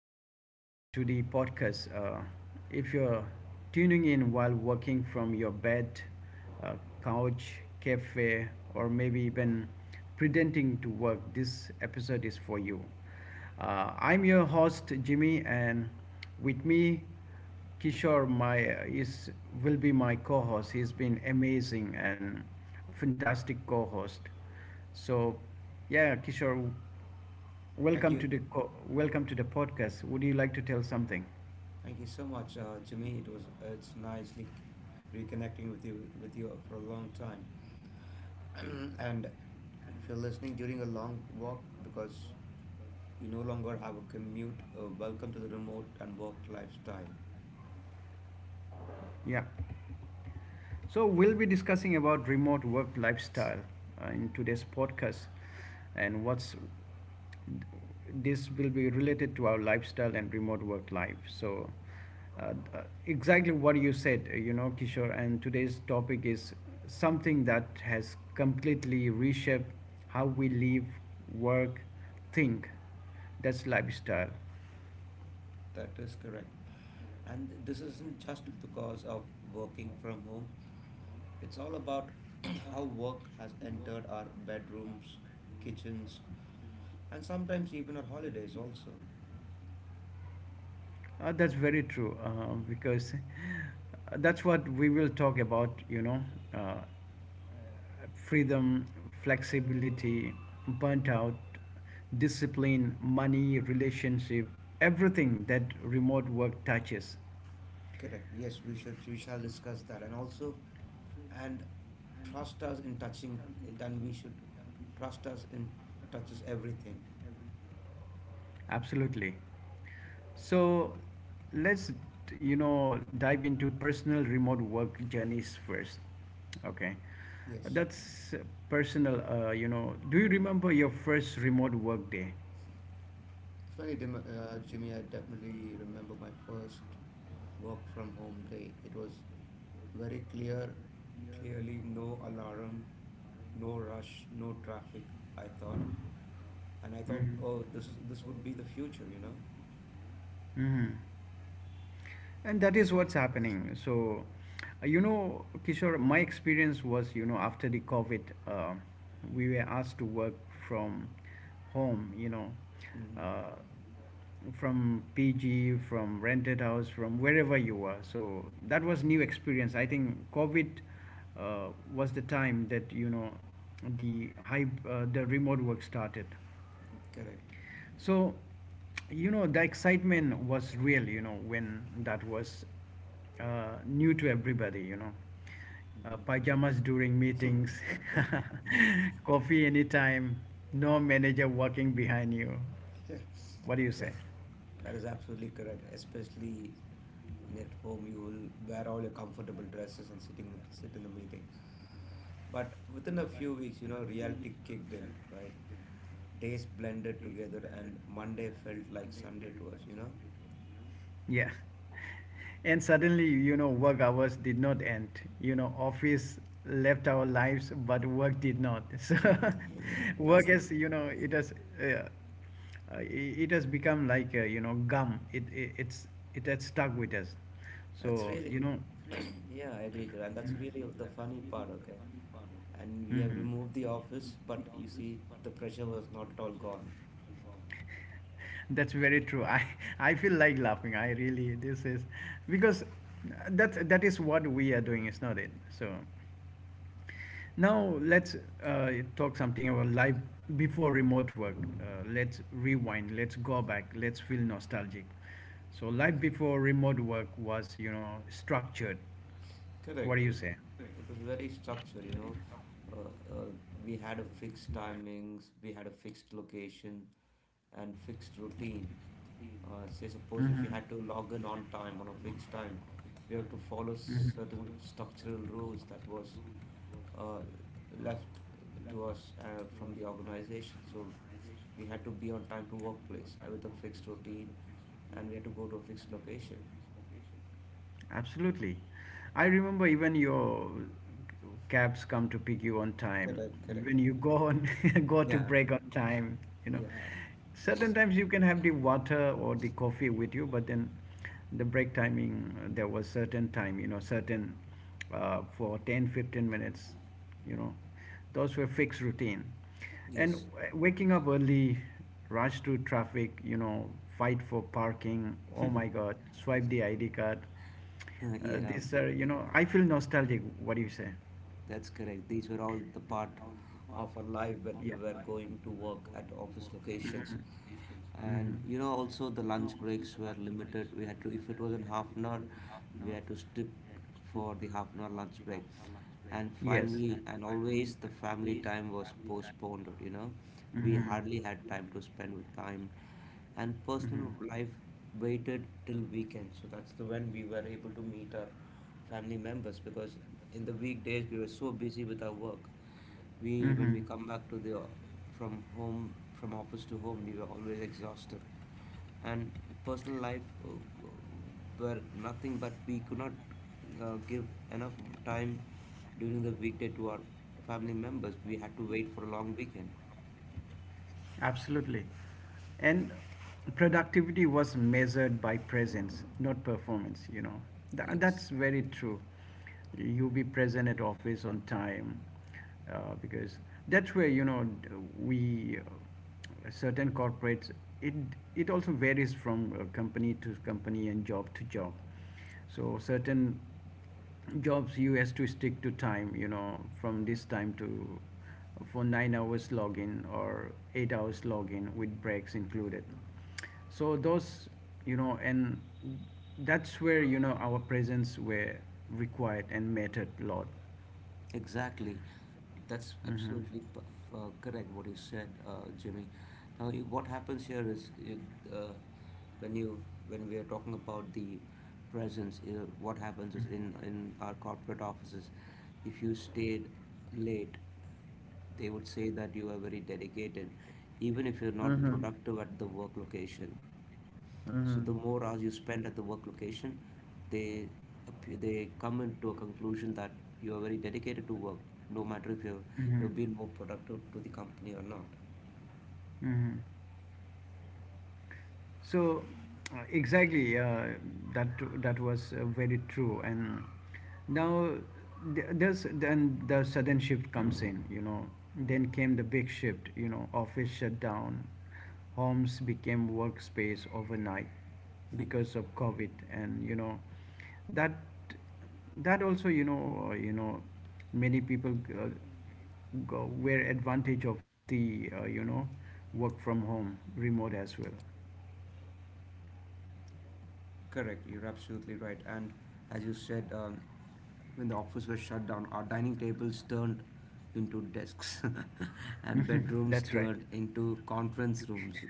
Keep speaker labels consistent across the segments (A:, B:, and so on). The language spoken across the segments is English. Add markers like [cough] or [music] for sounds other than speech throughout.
A: welcome back to the podcast. If you're tuning in while working from your bed, uh, couch, cafe, or maybe even pretending to work, this episode is for you. I'm your host, Jimmy, and with me, Kishore, my is will be my co-host. He's been amazing and fantastic co-host. So, yeah, Kishore.
B: Thank
A: Welcome to
B: you,
A: the welcome to the podcast. Would you like to tell something?
B: thank you so much, Jimmy. It's nicely reconnecting with you for a long time. [clears throat] And if you're listening during a long walk because you no longer have a commute, welcome to the remote and work lifestyle.
A: Yeah. So we'll be discussing about remote work lifestyle in today's podcast, and what's this will be related to our lifestyle and remote work life. So, uh, exactly what you said, Kishore. And today's topic is something that has completely reshaped how we live, work, think. That's lifestyle.
B: That is correct. And this isn't just because of working from home. It's all about [clears throat] how work has entered our bedrooms, kitchens, and sometimes even our holidays also.
A: That's very true, because that's what we will talk about, you know, uh, freedom, flexibility, burnt out, discipline, money, relationship, everything that remote work touches.
B: Correct. Yes, we shall discuss that. And also and trust us in touching, then we should trust us in touches everything.
A: Absolutely. So let's dive into personal remote work journeys first. Okay.
B: Yes.
A: That's personal. Do you remember your first remote work day?
B: Definitely, Jimmy, I definitely remember my first work from home day. It was very clear, clearly no alarm, no rush, no traffic, I thought. And I thought,
A: Mhm.
B: oh, this would be the future, you know?
A: Mhm. And that is what's happening. So, Kishore, my experience was, after the COVID, we were asked to work from home,
B: Hmm.
A: uh, from PG, from rented house, from wherever you were. So that was new experience. I think COVID was the time that, the remote work started.
B: Correct.
A: So, the excitement was real, when that was new to everybody. Pajamas during
B: Hmm.
A: meetings,
B: [laughs] Yeah.
A: [laughs] coffee anytime, no manager walking behind you.
B: Yeah.
A: What do you say?
B: That's, that is absolutely correct, especially. And at home, you will wear all your comfortable dresses and sit in the meeting. But within a few weeks, reality kicked in, right? Days blended together and Monday felt like Sunday to us.
A: Yeah. And suddenly, work hours did not end. Office left our lives, but work did not. [laughs] So,
B: [laughs] that's
A: work
B: the
A: is, you know, it has, uh, it it has become like, gum. It has stuck with us.
B: that's
A: So,
B: really
A: you know.
B: [clears throat] Yeah, I agree to that. And that's really the funny part. Okay. And we have
A: Mm-hmm.
B: removed the office, but you see the pressure was not at all gone.
A: That's very true. I [laughs] I feel like laughing. I really this is because that is what we are doing, is not it? So. Now let's talk something about life before remote work. Let's rewind. Let's go back. Let's feel nostalgic. So life before remote work was structured. What
B: Correct.
A: do you
B: it,
A: say?
B: it was very structured. Uh, uh, we had a fixed timings, we had a fixed location and fixed routine. Suppose if you
A: Mm-hmm.
B: had to log in on a fixed time, we have to follow
A: Mhm.
B: certain structural rules that was uh, left to us from the organization. So we had to be on time to workplace with a fixed routine, and we had to go to a fixed location.
A: Absolutely. I remember even your cabs come to pick you on time.
B: Correct,
A: Even
B: correct.
A: you go on [laughs] go to
B: Yeah.
A: break on time, you know.
B: Yeah.
A: Certain times you can have the water or the coffee with you, but then the break timing, there was certain time, you know, certain for 10 15 minutes, you know. Those were fixed routine. And
B: Yes.
A: waking up early, rush through traffic, fight for parking. Oh my God, swipe the ID card.
B: [laughs]
A: Uh,
B: Yeah.
A: these are, I feel nostalgic. What do you say?
B: That's correct. These were all the part of our life when we
A: Yeah.
B: were going to work at office locations. And
A: Mhm.
B: also the lunch breaks were limited. We had to, if it was in half an hour, we had to stick for the half an hour lunch break. And
A: Mhm. Yes.
B: family, and always the family time was postponed. We
A: Mhm.
B: hardly had time to spend with time. And personal
A: Mhm.
B: life waited till weekend. So that's the when we were able to meet our family members, because in the weekdays we were so busy with our work. We when we
A: Mhm.
B: come back to the from home from office to home, we were always exhausted, and personal life were nothing, but we could not give enough time during the weekday to our family members. We had to wait for a long weekend.
A: Absolutely. And productivity was measured by presence, not performance. Tha
B: Yes.
A: that's very true. You be present at office on time, because that's where, we, certain corporates, it, it also varies from company to company and job to job. So certain jobs you has to stick to time from this time to for 9 hours login or 8 hours login with breaks included. So those you know and that's where our presence were required and mattered a lot.
B: Exactly. That's
A: Mm-hmm.
B: absolutely correct what you said, Jimmy. Now, what happens here is uh, when we are talking about the presence, what happens is in our corporate offices. If you stayed late, they would say that you are very dedicated, even if you're not
A: Mm-hmm.
B: productive at the work location. So the more hours
A: Mm-hmm.
B: you spend at the work location, they they come into a conclusion that you are very dedicated to work, no matter if you're
A: Mm-hmm.
B: you've been more productive to the company or not.
A: Mm-hmm. So, exactly, that that was very true. And now th- there's then the sudden shift comes in. Then came the big shift. Office shut down, homes became workspace overnight because of COVID, and that that also, many people, were advantage of the work from home remote as well.
B: Correct, you're absolutely right. And as you said, when the office was shut down, our dining tables turned into desks, [laughs] and
A: [laughs]
B: bedrooms
A: That's right.
B: turned into conference rooms.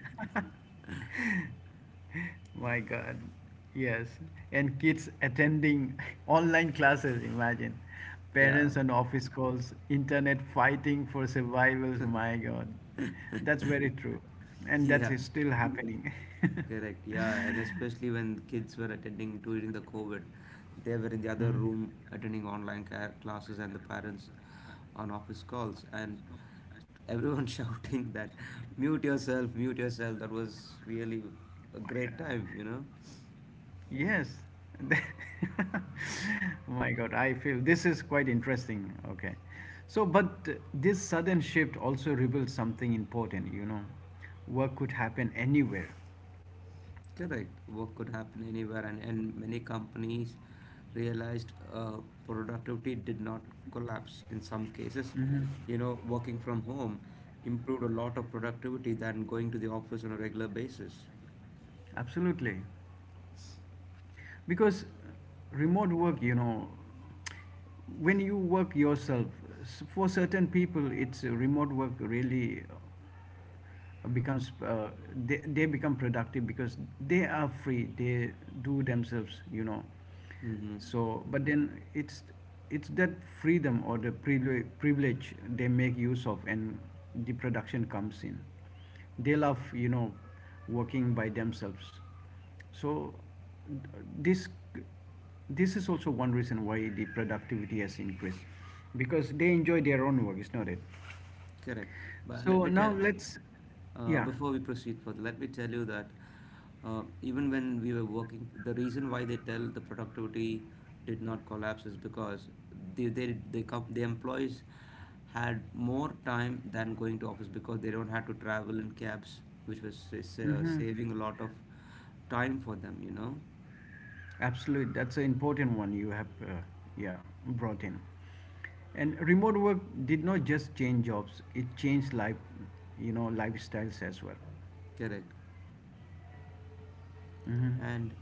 A: My God. Yes. And kids attending [laughs] online classes, imagine.
B: Yeah.
A: Parents and office calls, internet fighting for survivals. My God. That's
B: [laughs]
A: very true. And that
B: Yeah,
A: is still happening. [laughs]
B: correct. Yeah, and especially when kids were attending during the COVID, they were in the other
A: Mhm.
B: room attending online care classes and the parents on office calls, and everyone [laughs] shouting that mute yourself, mute yourself. That was really a
A: My God.
B: great time, you know?
A: Yes. [laughs] My God, I feel this is quite interesting. Okay. So, but this sudden shift also reveals something important. Work could happen anywhere.
B: Correct. Work could happen anywhere, and many companies realized productivity did not collapse. In some cases, working from home improved a lot of productivity than going to the office on a regular basis.
A: Absolutely. Because remote work, when you work yourself, for certain people, it's remote work really becomes, they become productive because they are free, they do themselves you know
B: Mm-hmm.
A: so But then it's that freedom or the privilege they make use of, and the production comes in. They love working by themselves. So th- this this is also one reason why the productivity has increased, because they enjoy their own work, is not it?
B: Correct. But let
A: So
B: me
A: now
B: tell,
A: let's. Yeah.
B: before we proceed further, let me tell you that even when we were working, the reason why they tell the productivity did not collapse is because the they com the employees had more time than going to office, because they don't have to travel in cabs, which was
A: Mm-hmm.
B: saving a lot of time for them, you know?
A: Absolutely, that's an important one you have, yeah, brought in. And remote work did not just change jobs; it changed life, lifestyles as well.
B: Correct. And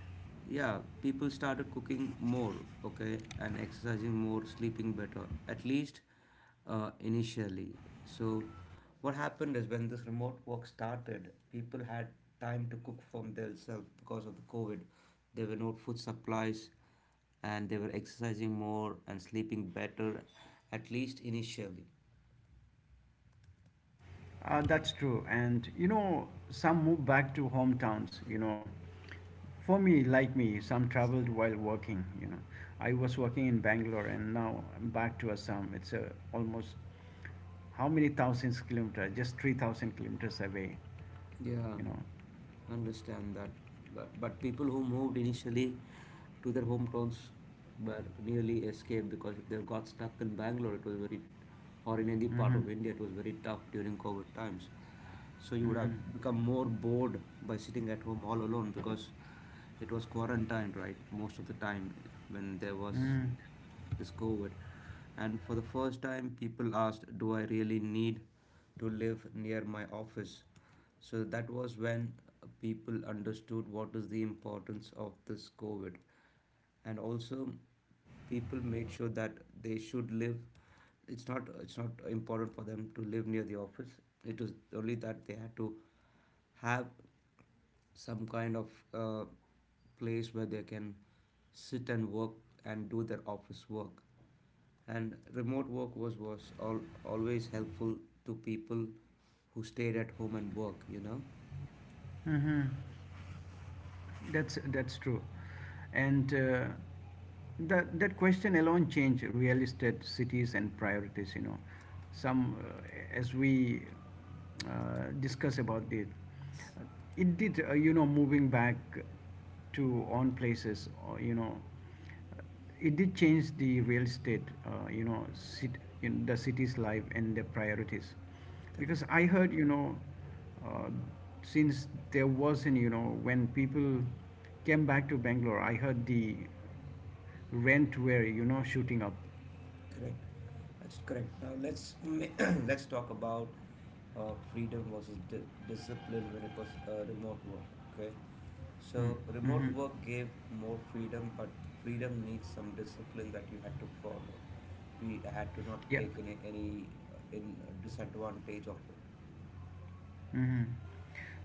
B: yeah, people started cooking more. Okay. And exercising more, sleeping better, at least initially. So what happened is when this remote work started, people had time to cook from themselves because of the COVID. There were no food supplies, and they were exercising more and sleeping better, at least initially.
A: That's true. And some moved back to hometowns. For me, like me, some traveled while working. I was working in Bangalore, and now I'm back to Assam. It's almost how many thousands kilometers? Just 3,000 kilometers away.
B: Yeah,
A: You know.
B: understand that. But people who moved initially to their hometowns were nearly escaped, because if they got stuck in Bangalore, it was very, or in any part
A: Mm-hmm.
B: of India, it was very tough during COVID times. So you would have become more bored by sitting at home all alone because it was quarantined, right? Most of the time when there was
A: Mm-hmm.
B: this COVID. And for the first time, people asked, do I really need to live near my office? So that was when people understood what is the importance of this COVID. And also people made sure that they should live it's not important for them to live near the office. It was only that they had to have some kind of place where they can sit and work and do their office work. And remote work was always helpful to people who stayed at home and work.
A: Mm-hmm. That's true, and that question alone change real estate cities and priorities. Some, as we discuss about it, uh, it did, moving back to own places, or it did change the real estate, sit in the city's life and their priorities.
B: Correct.
A: Because I heard, uh, since there wasn't, when people came back to Bangalore, I heard the rent were, shooting up.
B: Correct. That's correct. Now let's [coughs] [clears throat] let's talk about freedom versus discipline when it was remote work. Okay, so
A: Mm-hmm.
B: remote work gave more freedom, but freedom needs some discipline that you had to follow. We had to not
A: Yeah.
B: take any in disadvantage of it.
A: Mm-hmm.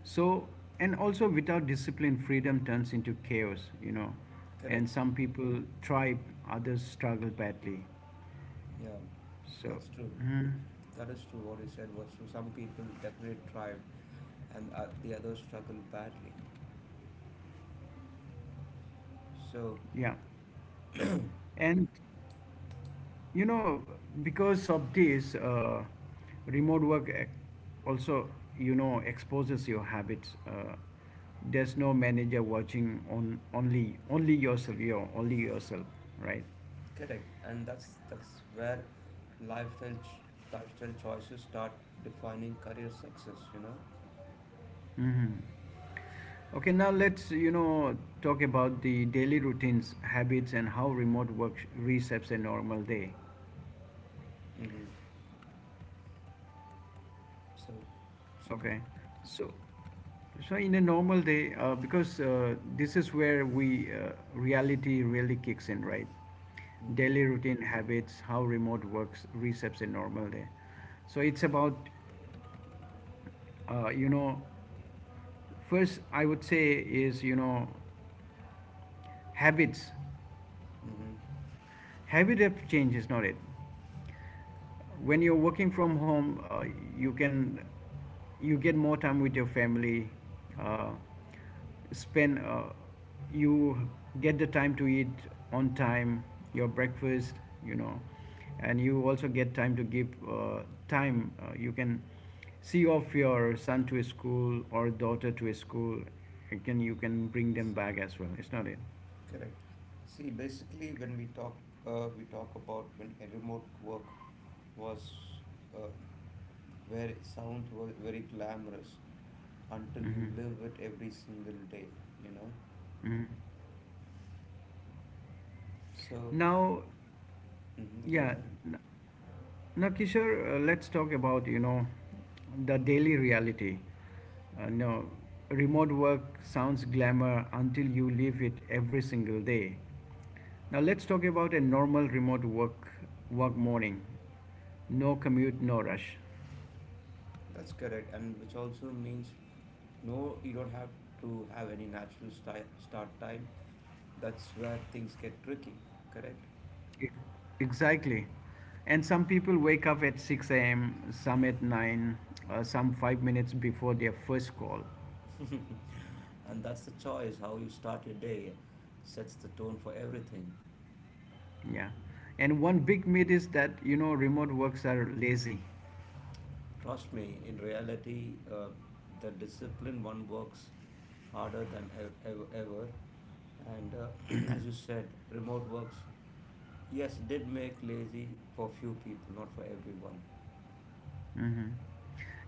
A: So, and also without discipline, freedom turns into chaos, and
B: Correct.
A: some people thrive, others struggle badly.
B: Yeah,
A: So,
B: that's true.
A: mhm.
B: That is true. What you said was true. Some people definitely thrived, and the others struggled badly. So
A: Yeah. And you know, because of this, remote work also, exposes your habits. There's no manager watching on only yourself, your only yourself, right?
B: correct, and that's where lifestyle ch- lifestyle choices start defining career success. You know.
A: Okay, now let's talk about the daily routines, habits, and how remote work resets a normal day.
B: Mm-hmm. So, so.
A: Okay. So, so, in a normal day, because this is where we reality really kicks in, right?
B: Mm-hmm.
A: Daily routine habits, how remote works resets a normal day. So it's about, uh, you know, first I would say is, habits.
B: Mm-hmm.
A: Habit of change, is not it? When you're working from home, you can, you get more time with your family uh, spend you get the time to eat on time your breakfast you know and you also get time to give time, you can see off your son to his school or daughter to his school. You can bring them back as well, it's not it.
B: Correct. See, basically, when we talk about when a remote work was uh, was very glamorous until you
A: Mm-hmm.
B: live it every single day. You know.
A: Mm-hmm.
B: So,
A: Now,
B: mm-hmm, go
A: yeah.
B: ahead.
A: n- Now, Kishore, let's talk about the daily reality. No, remote work sounds glamour until you live it every single day. Now, let's talk about a normal remote work morning. No commute, no rush.
B: That's correct, and which also means no, you don't have to have any natural start time. That's where things get tricky, correct?
A: E- Exactly. And some people wake up at 6 a.m., some at 9, some 5 minutes before their first call.
B: [laughs] And that's the choice. How you start your day sets the tone for everything.
A: Yeah. And one big myth is that remote works are lazy.
B: Trust me, in reality, the discipline one works harder than ever. And [clears throat]
A: Hmm.
B: as you said, remote works, yes, did make lazy for few people, not for everyone.
A: Hmm.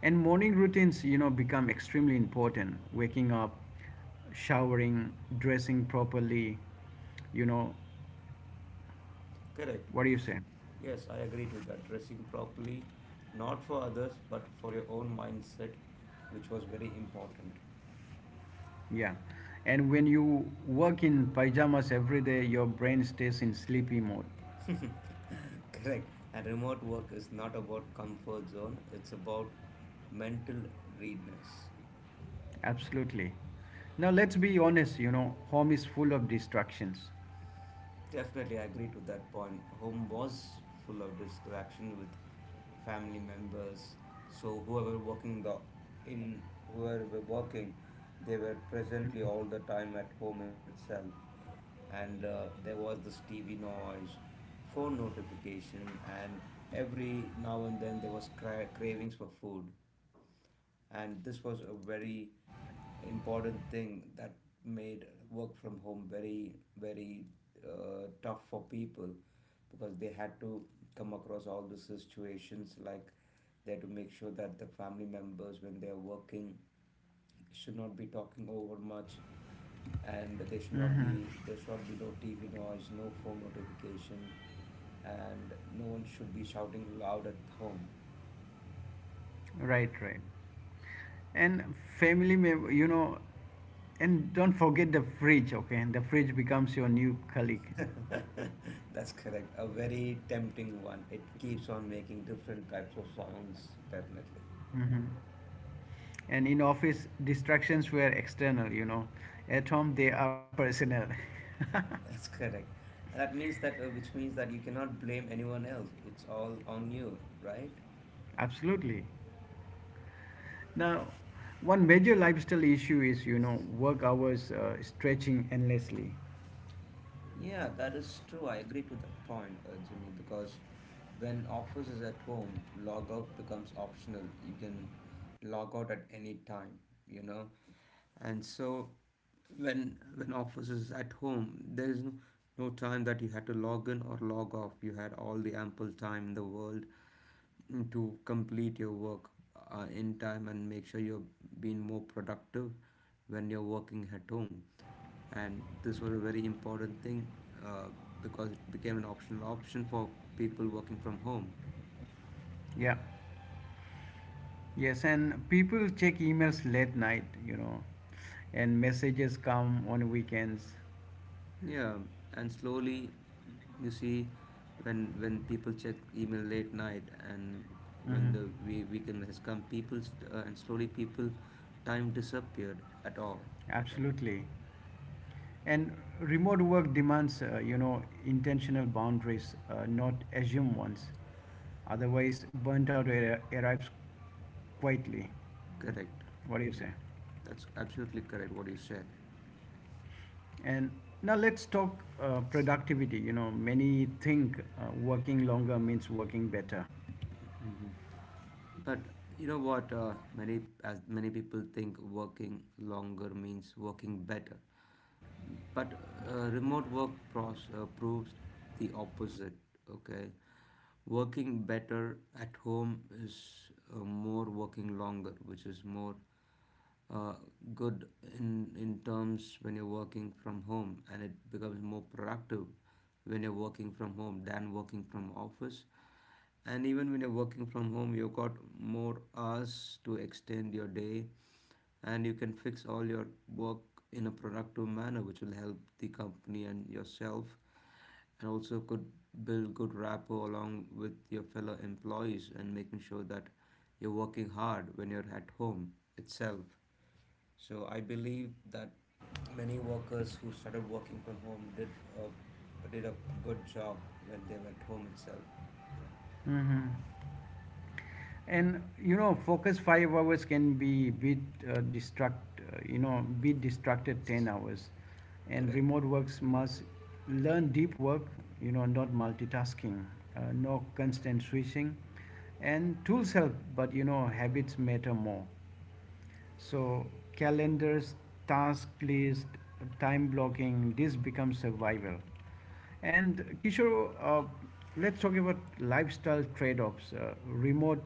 A: And morning routines, become extremely important. Waking up, showering, dressing properly, you know,
B: Correct.
A: what do you say?
B: Yes, I agree to that. Dressing properly, not for others, but for your own mindset, which was very important.
A: Yeah. And when you work in pajamas every day, your brain stays in sleepy mode.
B: [laughs] Correct. And remote work is not about comfort zone, it's about mental readiness.
A: Absolutely. Now, let's be honest, home is full of distractions.
B: Definitely, I agree to that point. Home was full of distraction with family members. So in whoever were working, they were presently all the time at home itself, and there was this TV noise, phone notification, and every now and then there was cravings for food. And this was a very important thing that made work from home very very tough for people, because they had to come across all the situations. Like they had to make sure that the family members, when they are working, should not be talking over much, and they should not be there should not be no TV noise, no phone notification, and no one should be shouting loud at home.
A: Right, right. And family member, and don't forget the fridge, okay, and the fridge becomes your new colleague
B: [laughs] That's correct. A very tempting one. It keeps on making different types of sounds, definitely.
A: hmm and in office distractions were external. At home they are personal.
B: [laughs] That's correct. And which means that you cannot blame anyone else. It's all on you, right?
A: [laughs] Absolutely. Now, one major lifestyle issue is work hours, stretching endlessly.
B: Yeah, that is true. I agree to that point, Jimmy, because when Office is at home, log out becomes optional. You can log out at any time, you know. And so when Office is at home, there is no time that you had to log in or log off. You had all the ample time in the world to complete your work in time, and make sure you're being more productive when you're working at home. And this was a very important thing uh, because it became an optional option for people working from home.
A: Yeah. Yes. And people check emails late night, and messages come on weekends.
B: Yeah, and slowly you see when people check email late night, and when
A: Hmm.
B: the weekend has come, people st- and slowly people time disappeared at all.
A: Absolutely. And remote work demands intentional boundaries, not assumed ones. Otherwise, burnt out arrives quietly.
B: Correct.
A: What do you say?
B: That's absolutely correct what you said.
A: And now let's talk productivity. Many think working longer means working better.
B: Mhm. But you know what? Many as many people think working longer means working better, but remote work proves the opposite. Okay, working better at home is more working longer, which is more uh, good in terms when you're working from home, and it becomes more productive when you're working from home than working from office, and even when you're working from home, you've got more hours to extend your day and you can fix all your work in a productive manner, which will help the company and yourself, and also could build good rapport along with your fellow employees and making sure that you're working hard when you're at home itself. So I believe that many workers who started working from home did a good job when they were at home itself.
A: Hmm. And, focus 5 hours can be bit distract you know be distracted 10 hours. And
B: Correct.
A: remote works must learn deep work, not multitasking, no constant switching. And tools help, but habits matter more. So calendars, task list, time blocking, this becomes survival. And Kishore, let's talk about lifestyle trade-offs. Remote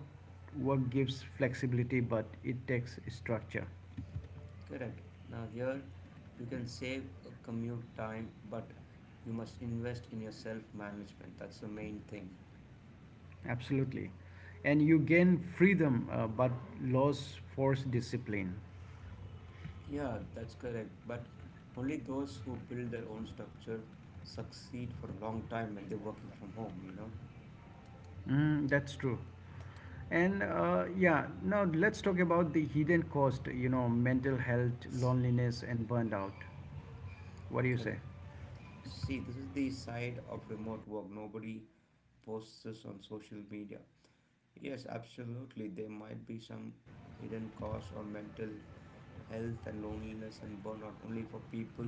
A: work gives flexibility, but it takes structure.
B: Correct. Now here you can save a commute time, but you must invest in your self-management. That's the main thing.
A: Absolutely. And you gain freedom, but loss forced discipline.
B: Yeah, that's correct. But only those who build their own structure succeed for a long time when they're working from home, you know?
A: Mm, that's true. And, yeah, now let's talk about the hidden cost, mental health, loneliness, and burnout. What do you say?
B: Correct. See, this is the side of remote work. Nobody posts this on social media. Yes, absolutely. There might be some hidden costs or mental health and loneliness and burnout only for people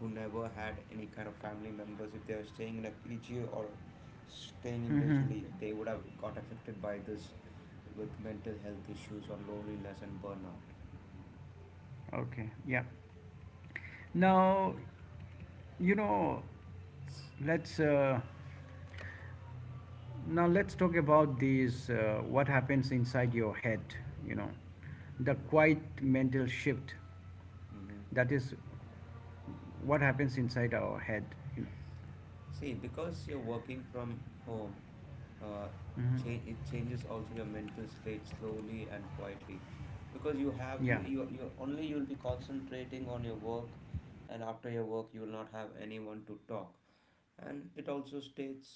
B: who never had any kind of family members. If they were staying in a PG or staying individually, they would have got affected by this with mental health issues or loneliness and burnout.
A: Okay, yeah. Now, you know, let's uh, now let's talk about these what happens inside your head. You know, the
B: Hmm
A: quiet mental shift.
B: hmm
A: That is what happens inside our head. You know.
B: See, because you're working from home, uh,
A: Mhm.
B: it changes also your mental slate slowly and quietly, because you have
A: Yeah.
B: you you only you'll be concentrating on your work, and after your work you'll not have anyone to talk, and it also states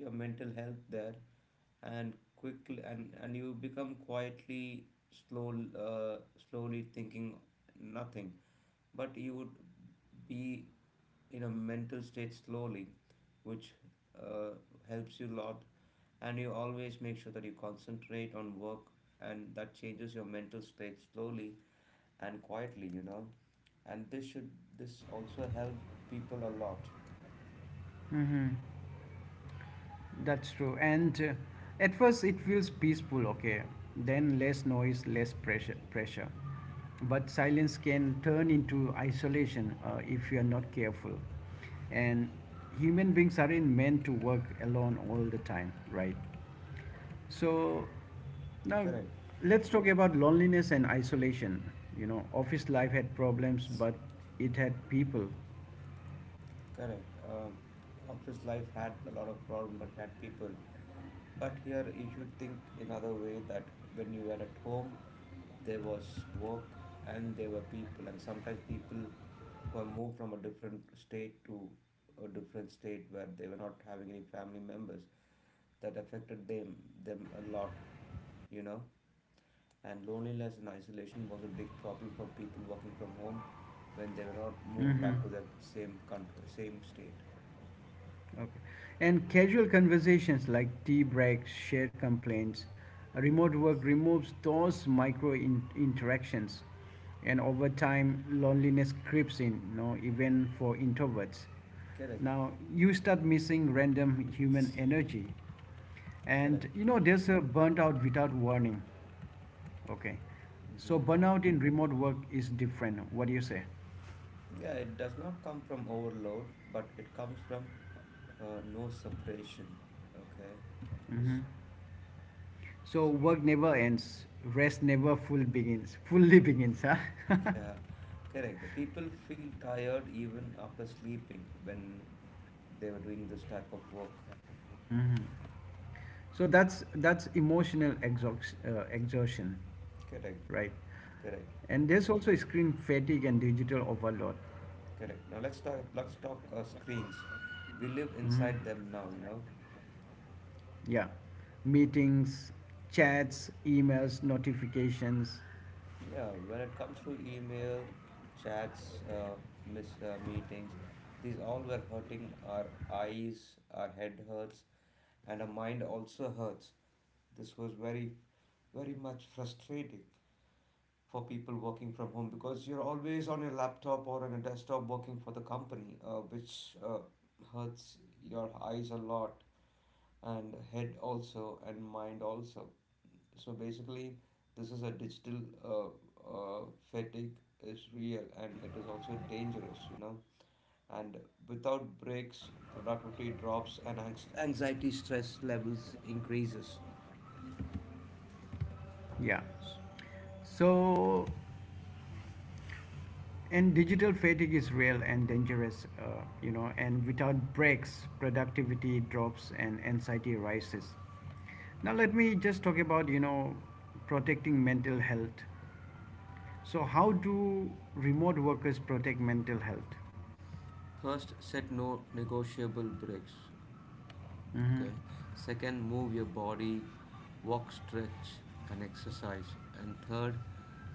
B: your mental health there and quickly, and you become quietly slow, uh, slowly thinking nothing, but you would be in a mental state slowly which uh, helps you a lot, and you always make sure that you concentrate on work, and that changes your mental state slowly and quietly, you know, and this also helped people a lot.
A: Mm-hmm. That's true. And At first, it feels peaceful, okay? Then less noise, less pressure. But silence can turn into isolation if you are not careful. And human beings aren't meant to work alone all the time, right? So now
B: Correct.
A: let's talk about loneliness and isolation. You know, office life had problems, but it had people.
B: Correct. Office life had a lot of problem, but it had people. But here you should think another way that when you were at home, there was work and there were people, and sometimes people who have moved from a different state to a different state where they were not having any family members, that affected them a lot, you know. And loneliness and isolation was a big problem for people working from home when they were not moved
A: Hmm.
B: back to their same country, same state.
A: Okay. And casual conversations like tea breaks, shared complaints, remote work removes those interactions. And over time, loneliness creeps in, you know, even for introverts.
B: Correct,
A: Now, you start missing random human energy. And
B: correct.
A: you know, there's a burnout without warning. Okay. So,
B: Hmm
A: burnout in remote work is different. What do you say?
B: Yeah, it does not come from overload, but it comes from no separation. Okay. S-
A: Mm-hmm. So
B: s-
A: work never ends, rest never full begins, fully begins, huh? [laughs]
B: Yeah, correct. The people feel tired even after sleeping when they were doing this type of work.
A: Mm-hmm. So that's emotional exhaustion,
B: Correct,
A: right?
B: correct,
A: And there's also screen fatigue and digital overload.
B: correct. Now let's talk. Screens. We live inside
A: Mm-hmm.
B: them now, you know.
A: Yeah, meetings, chats, emails, notifications.
B: Yeah, when it comes to email, chats, meetings, these all were hurting our eyes, our head hurts, and our mind also hurts. This was very, very much frustrating for people working from home because you're always on your laptop or on a desktop working for the company, which hurts your eyes a lot and head also and mind also. So basically, this is a digital uh, uh, fatigue is real and it is also dangerous, you know. And without breaks, productivity drops and anxiety stress levels increases.
A: Yeah. So And digital fatigue is real and dangerous, you know, and without breaks, productivity drops and anxiety rises. Now, let me just talk about, you know, protecting mental health. So, how do remote workers protect mental health?
B: First, set no negotiable breaks.
A: Hmm.
B: Okay. Second, move your body, walk, stretch, and exercise. And third,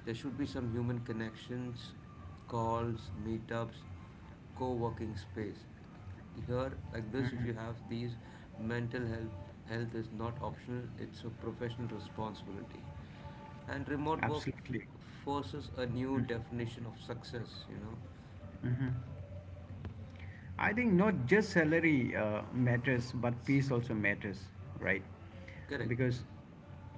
B: there should be some human connections, calls, meetups, co working space. Here, like this, if you have these, mental health is not optional, it's a professional responsibility. And remote work
A: Absolutely.
B: forces a new definition of success, you know.
A: Hmm. I think not just salary matters, but peace also matters, right?
B: Correct,
A: Because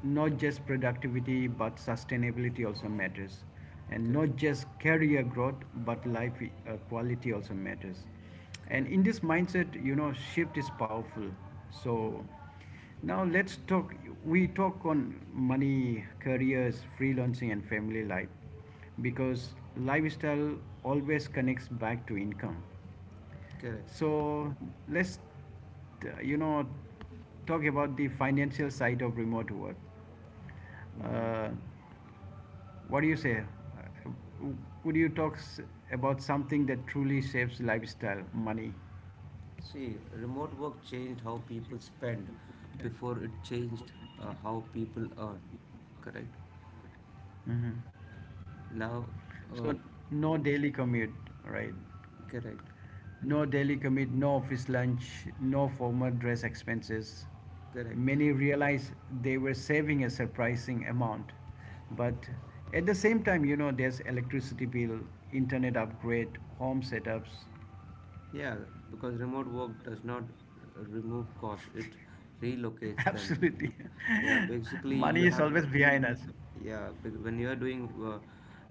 A: not just productivity, but sustainability also matters, and not
B: correct,
A: just career growth, but life quality also matters. And
B: correct.
A: in this mindset, you know, shift is powerful. So
B: Mm-hmm.
A: now let's talk. We talk on money, careers, freelancing, and family life, because lifestyle always connects back to income,
B: Correct.
A: so let's, you know, talk about the financial side of remote work.
B: Mm-hmm.
A: Uh, what do you say? Would you about something that truly saves lifestyle money?
B: See, remote work changed how people spend before it changed how people earn. Correct?
A: Hmm.
B: Now, uh,
A: So no daily commute, right?
B: correct,
A: No daily commute, no office lunch, no formal dress expenses.
B: correct.
A: Many realized they were saving a surprising amount. But at the same time, you know, there's electricity bill, internet upgrade, home setups.
B: Yeah, because remote work does not remove costs, it
A: [laughs]
B: relocates them.
A: Absolutely.
B: Yeah,
A: [laughs]
B: basically,
A: Money
B: you
A: is
B: have.
A: always behind us.
B: When you are doing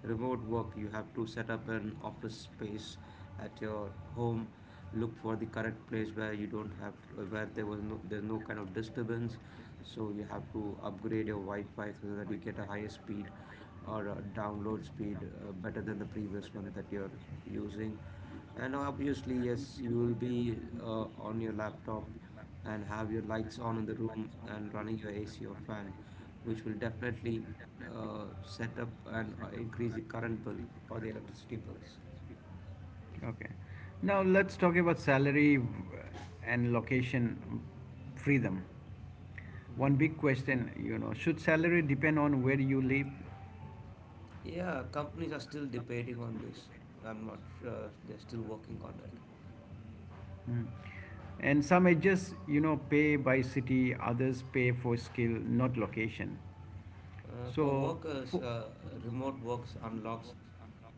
B: remote work, you have to set up an office space at your home. Look for the correct place where you don't have where there's no kind of disturbance. So you have to upgrade your Wi-Fi so that you get a higher speed or a download speed better than the previous one that you're using. And obviously, yes, you will be on your laptop and have your lights on in the room and running your AC or fan, which will definitely set up and increase the current bill or the electricity bills.
A: Okay. Now let's talk about salary and location freedom. One
B: Hmm
A: big question, you know, should salary depend on where you live?
B: Yeah, companies are still debating on this. I'm not sure they're still working on it.
A: Mm. And some edges, you know, pay by city, others pay for skill, not location.
B: For
A: So,
B: workers,
A: for,
B: remote works unlocks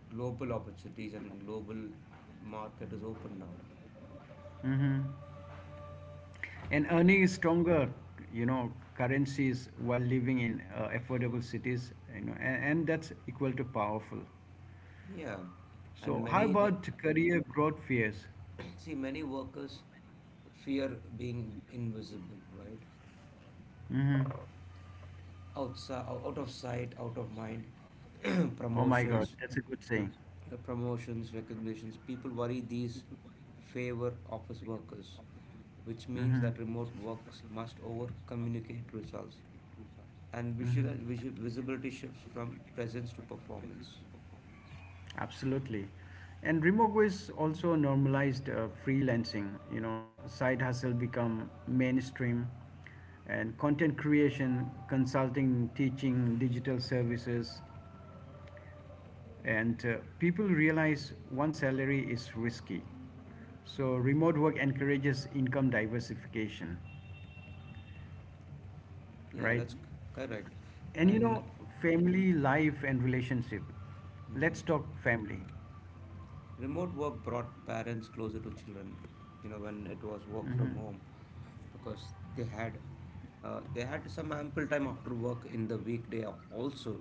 B: global opportunities and global market is open now.
A: hmm. And earning is stronger, you know, currencies while living in affordable cities, you know, and that's equal to powerful.
B: Yeah, and
A: So, how
B: many [coughs]
A: about career growth fears?
B: [clears throat] see many workers fear being invisible, right?
A: Hmm.
B: Outside, out of sight out of mind. [clears throat]
A: Oh my
B: promotions
A: God, that's a good
B: re-
A: saying.
B: Promotions, recognitions, people worry these favor office workers, which means
A: Hmm.
B: that remote works must over communicate results, and
A: Mhm.
B: visual, visual visibility shifts from presence to performance.
A: Absolutely. And remote is also normalized freelancing. You know, side hustle become mainstream and content creation, consulting, teaching, digital services. And People realize one salary is risky. So remote work encourages income diversification,
B: Yeah,
A: right?
B: correct.
A: And you
B: And
A: know, family life and relationship. Let's
B: mhm.
A: talk family.
B: remote work brought parents closer to children, you know, when it was work from home, because they had some ample time after work in the weekday also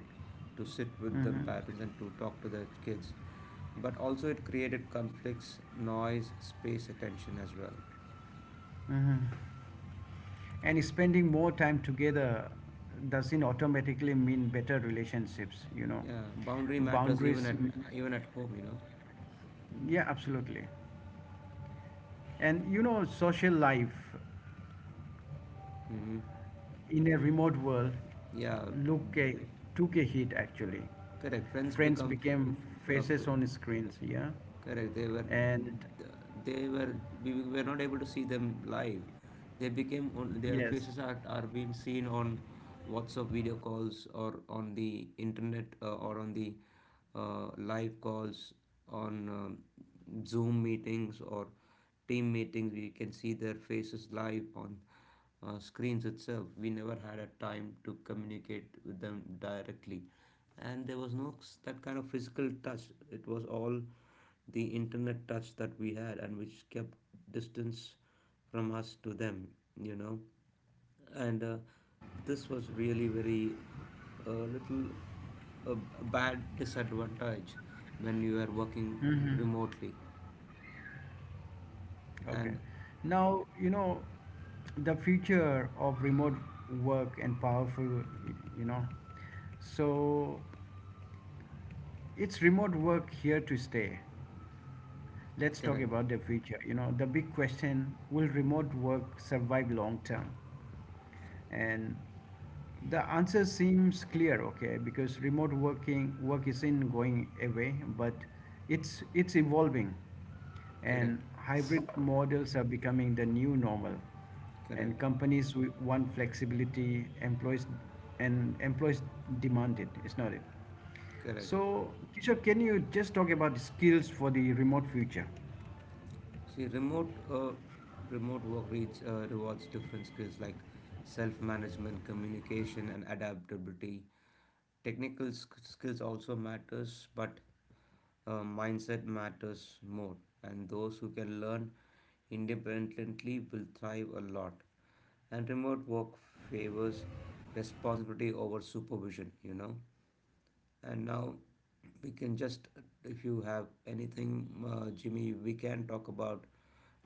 B: to sit with them,
A: Hmm.
B: parents, and to talk to their kids, but also it created conflicts, noise, space, attention as well.
A: Hmm. And spending more time together doesn't automatically mean better relationships, you know.
B: Yeah, boundary matters
A: Boundaries, m-
B: even at home, you know.
A: yeah, absolutely. And you know, social life
B: Hmm
A: in a remote world
B: yeah,
A: look a, took a hit actually.
B: correct. Friends
A: Friends
B: become f-
A: became
B: f-
A: faces
B: f-
A: on screens, yeah.
B: Correct. They were
A: And
B: they were we were not able to see them live. They became on their
A: yes.
B: faces are being seen on WhatsApp video calls or on the internet, or on the live calls on Zoom meetings or team meetings. We can see their faces live on screens itself. We never had a time to communicate with them directly, and there was no s- that kind of physical touch. It was all the internet touch that we had and which kept distance from us to them, you know. And This was really very a little a, a bad disadvantage when you are working
A: Mhm.
B: remotely.
A: Okay.
B: And
A: Now, you know, the future of remote work and powerful, you know. So, it's remote work here to stay. Let's talk
B: correct,
A: about the future. You know, the big question will remote work survive long term? And the answer seems clear, okay, because remote work isn't going away, but it's evolving. And
B: correct,
A: hybrid models are becoming the new normal. And
B: correct,
A: want flexibility, employees and employees demand it, it's not it.
B: correct.
A: So, Kishore, can you just talk about the skills for the remote future?
B: See remote work rewards different skills like self-management, communication, and adaptability. Skills also matters, but mindset matters more. And those who can learn independently will thrive a lot. And remote work favors responsibility over supervision, you know. And now we can just, if you have anything, Jimmy, we can talk about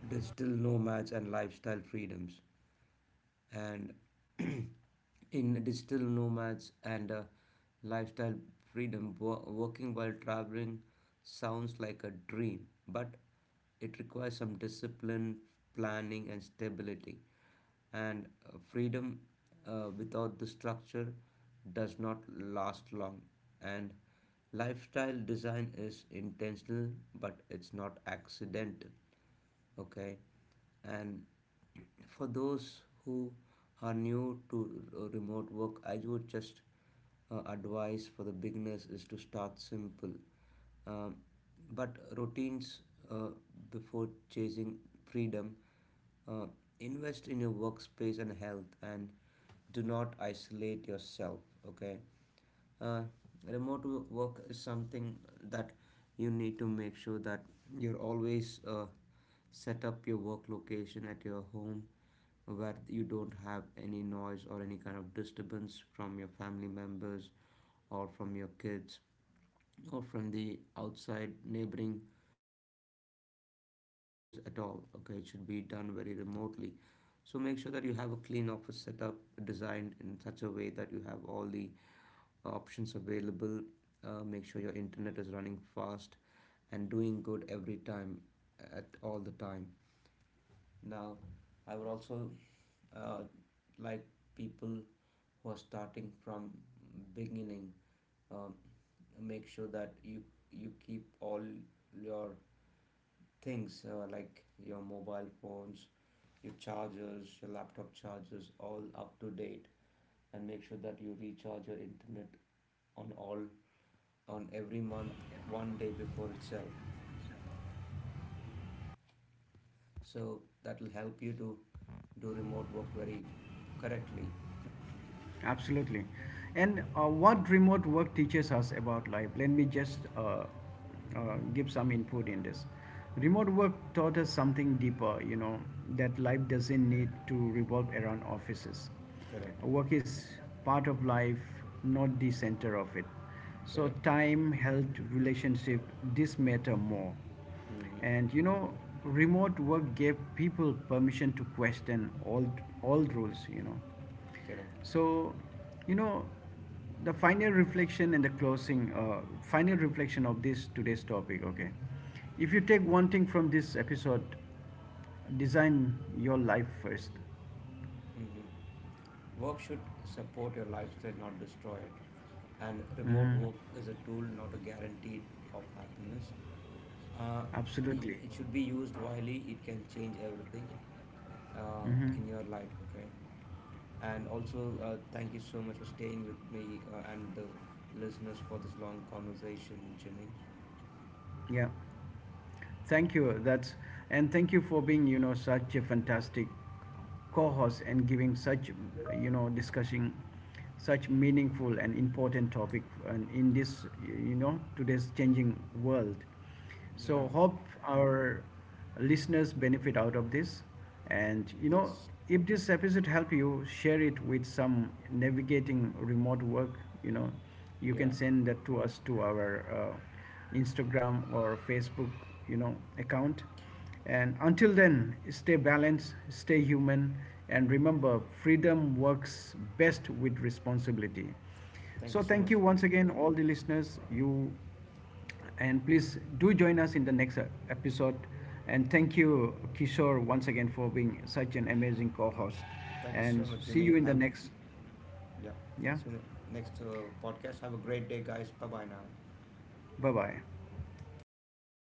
B: digital nomads and lifestyle freedoms. And [clears throat] in digital nomads and lifestyle freedom, working while traveling sounds like a dream, but it requires some discipline, planning, and stability. And Freedom without the structure does not last long. And lifestyle design is intentional, but it's not accidental. Okay. And for those who are new to remote work, I would just advise for the beginners is to start simple, um, but routines uh, before chasing freedom. uh, Invest in your workspace and health and do not isolate yourself. Okay. uh, remote work is something that you need to make sure that you're always set up your work location at your home where you don't have any noise or any kind of disturbance from your family members or from your kids or from the outside neighboring uh, house at all. Okay, it should be done very remotely. So make sure that you have a clean office setup designed in such a way that you have all the options available. Make sure your internet is running fast and doing good every time at all the time. Now, I would also uh, like people who are starting from beginning. Um, Make sure that you keep all your things like your mobile phones, your chargers, your laptop chargers, all up to date, and make sure that you recharge your internet on all on every month one day before itself, so that will help you to do remote work very correctly.
A: Absolutely. And what remote work teaches us about life? Let me just give some input in this. Remote work taught us something deeper, you know, that life doesn't need to revolve around offices.
B: Correct,
A: Work is part of life, not the center of it. So,
B: correct.
A: time, health, relationship, this matter more.
B: Mm-hmm.
A: And you know, remote work gave people permission to question old rules, you know,
B: correct
A: so, you know, the final reflection and the closing, final reflection of this today's topic, okay? If you take one thing from this episode, design your life 1st.
B: mm-hmm. Work should support your lifestyle, not destroy it, and remote
A: Hmm.
B: work is a tool, not a guarantee of happiness. Uh,
A: Absolutely.
B: it should be used wisely, it can change everything
A: Hmm.
B: in your life, okay? And also, thank you so much for staying with me and the listeners for this long conversation, Jimmy.
A: Yeah. Thank you. That's and thank you for being, you know, such a fantastic co-host and giving such, you know, discussing such meaningful and important topic and in this, you know, today's changing world.
B: Yeah,
A: So hope our listeners benefit out of this.
B: yes,
A: And you know, if this episode help you, share it with some navigating remote work. You know, you can
B: yeah.
A: send that to us to our Instagram or Facebook. You know, account. And until then, stay balanced, stay human, and remember, freedom works best with responsibility.
B: Thank you
A: So,
B: so
A: thank you
B: much.
A: once again, all the listeners. You and please do join us in the next episode. And thank you, Kishore, once again for being such an amazing co host.
B: Thank you so
A: And
B: much,
A: see you
B: Jimmy.
A: in the
B: Have,
A: next.
B: yeah.
A: Yeah.
B: See you in the next podcast. Have a great day, guys. Bye bye now.
A: Bye bye.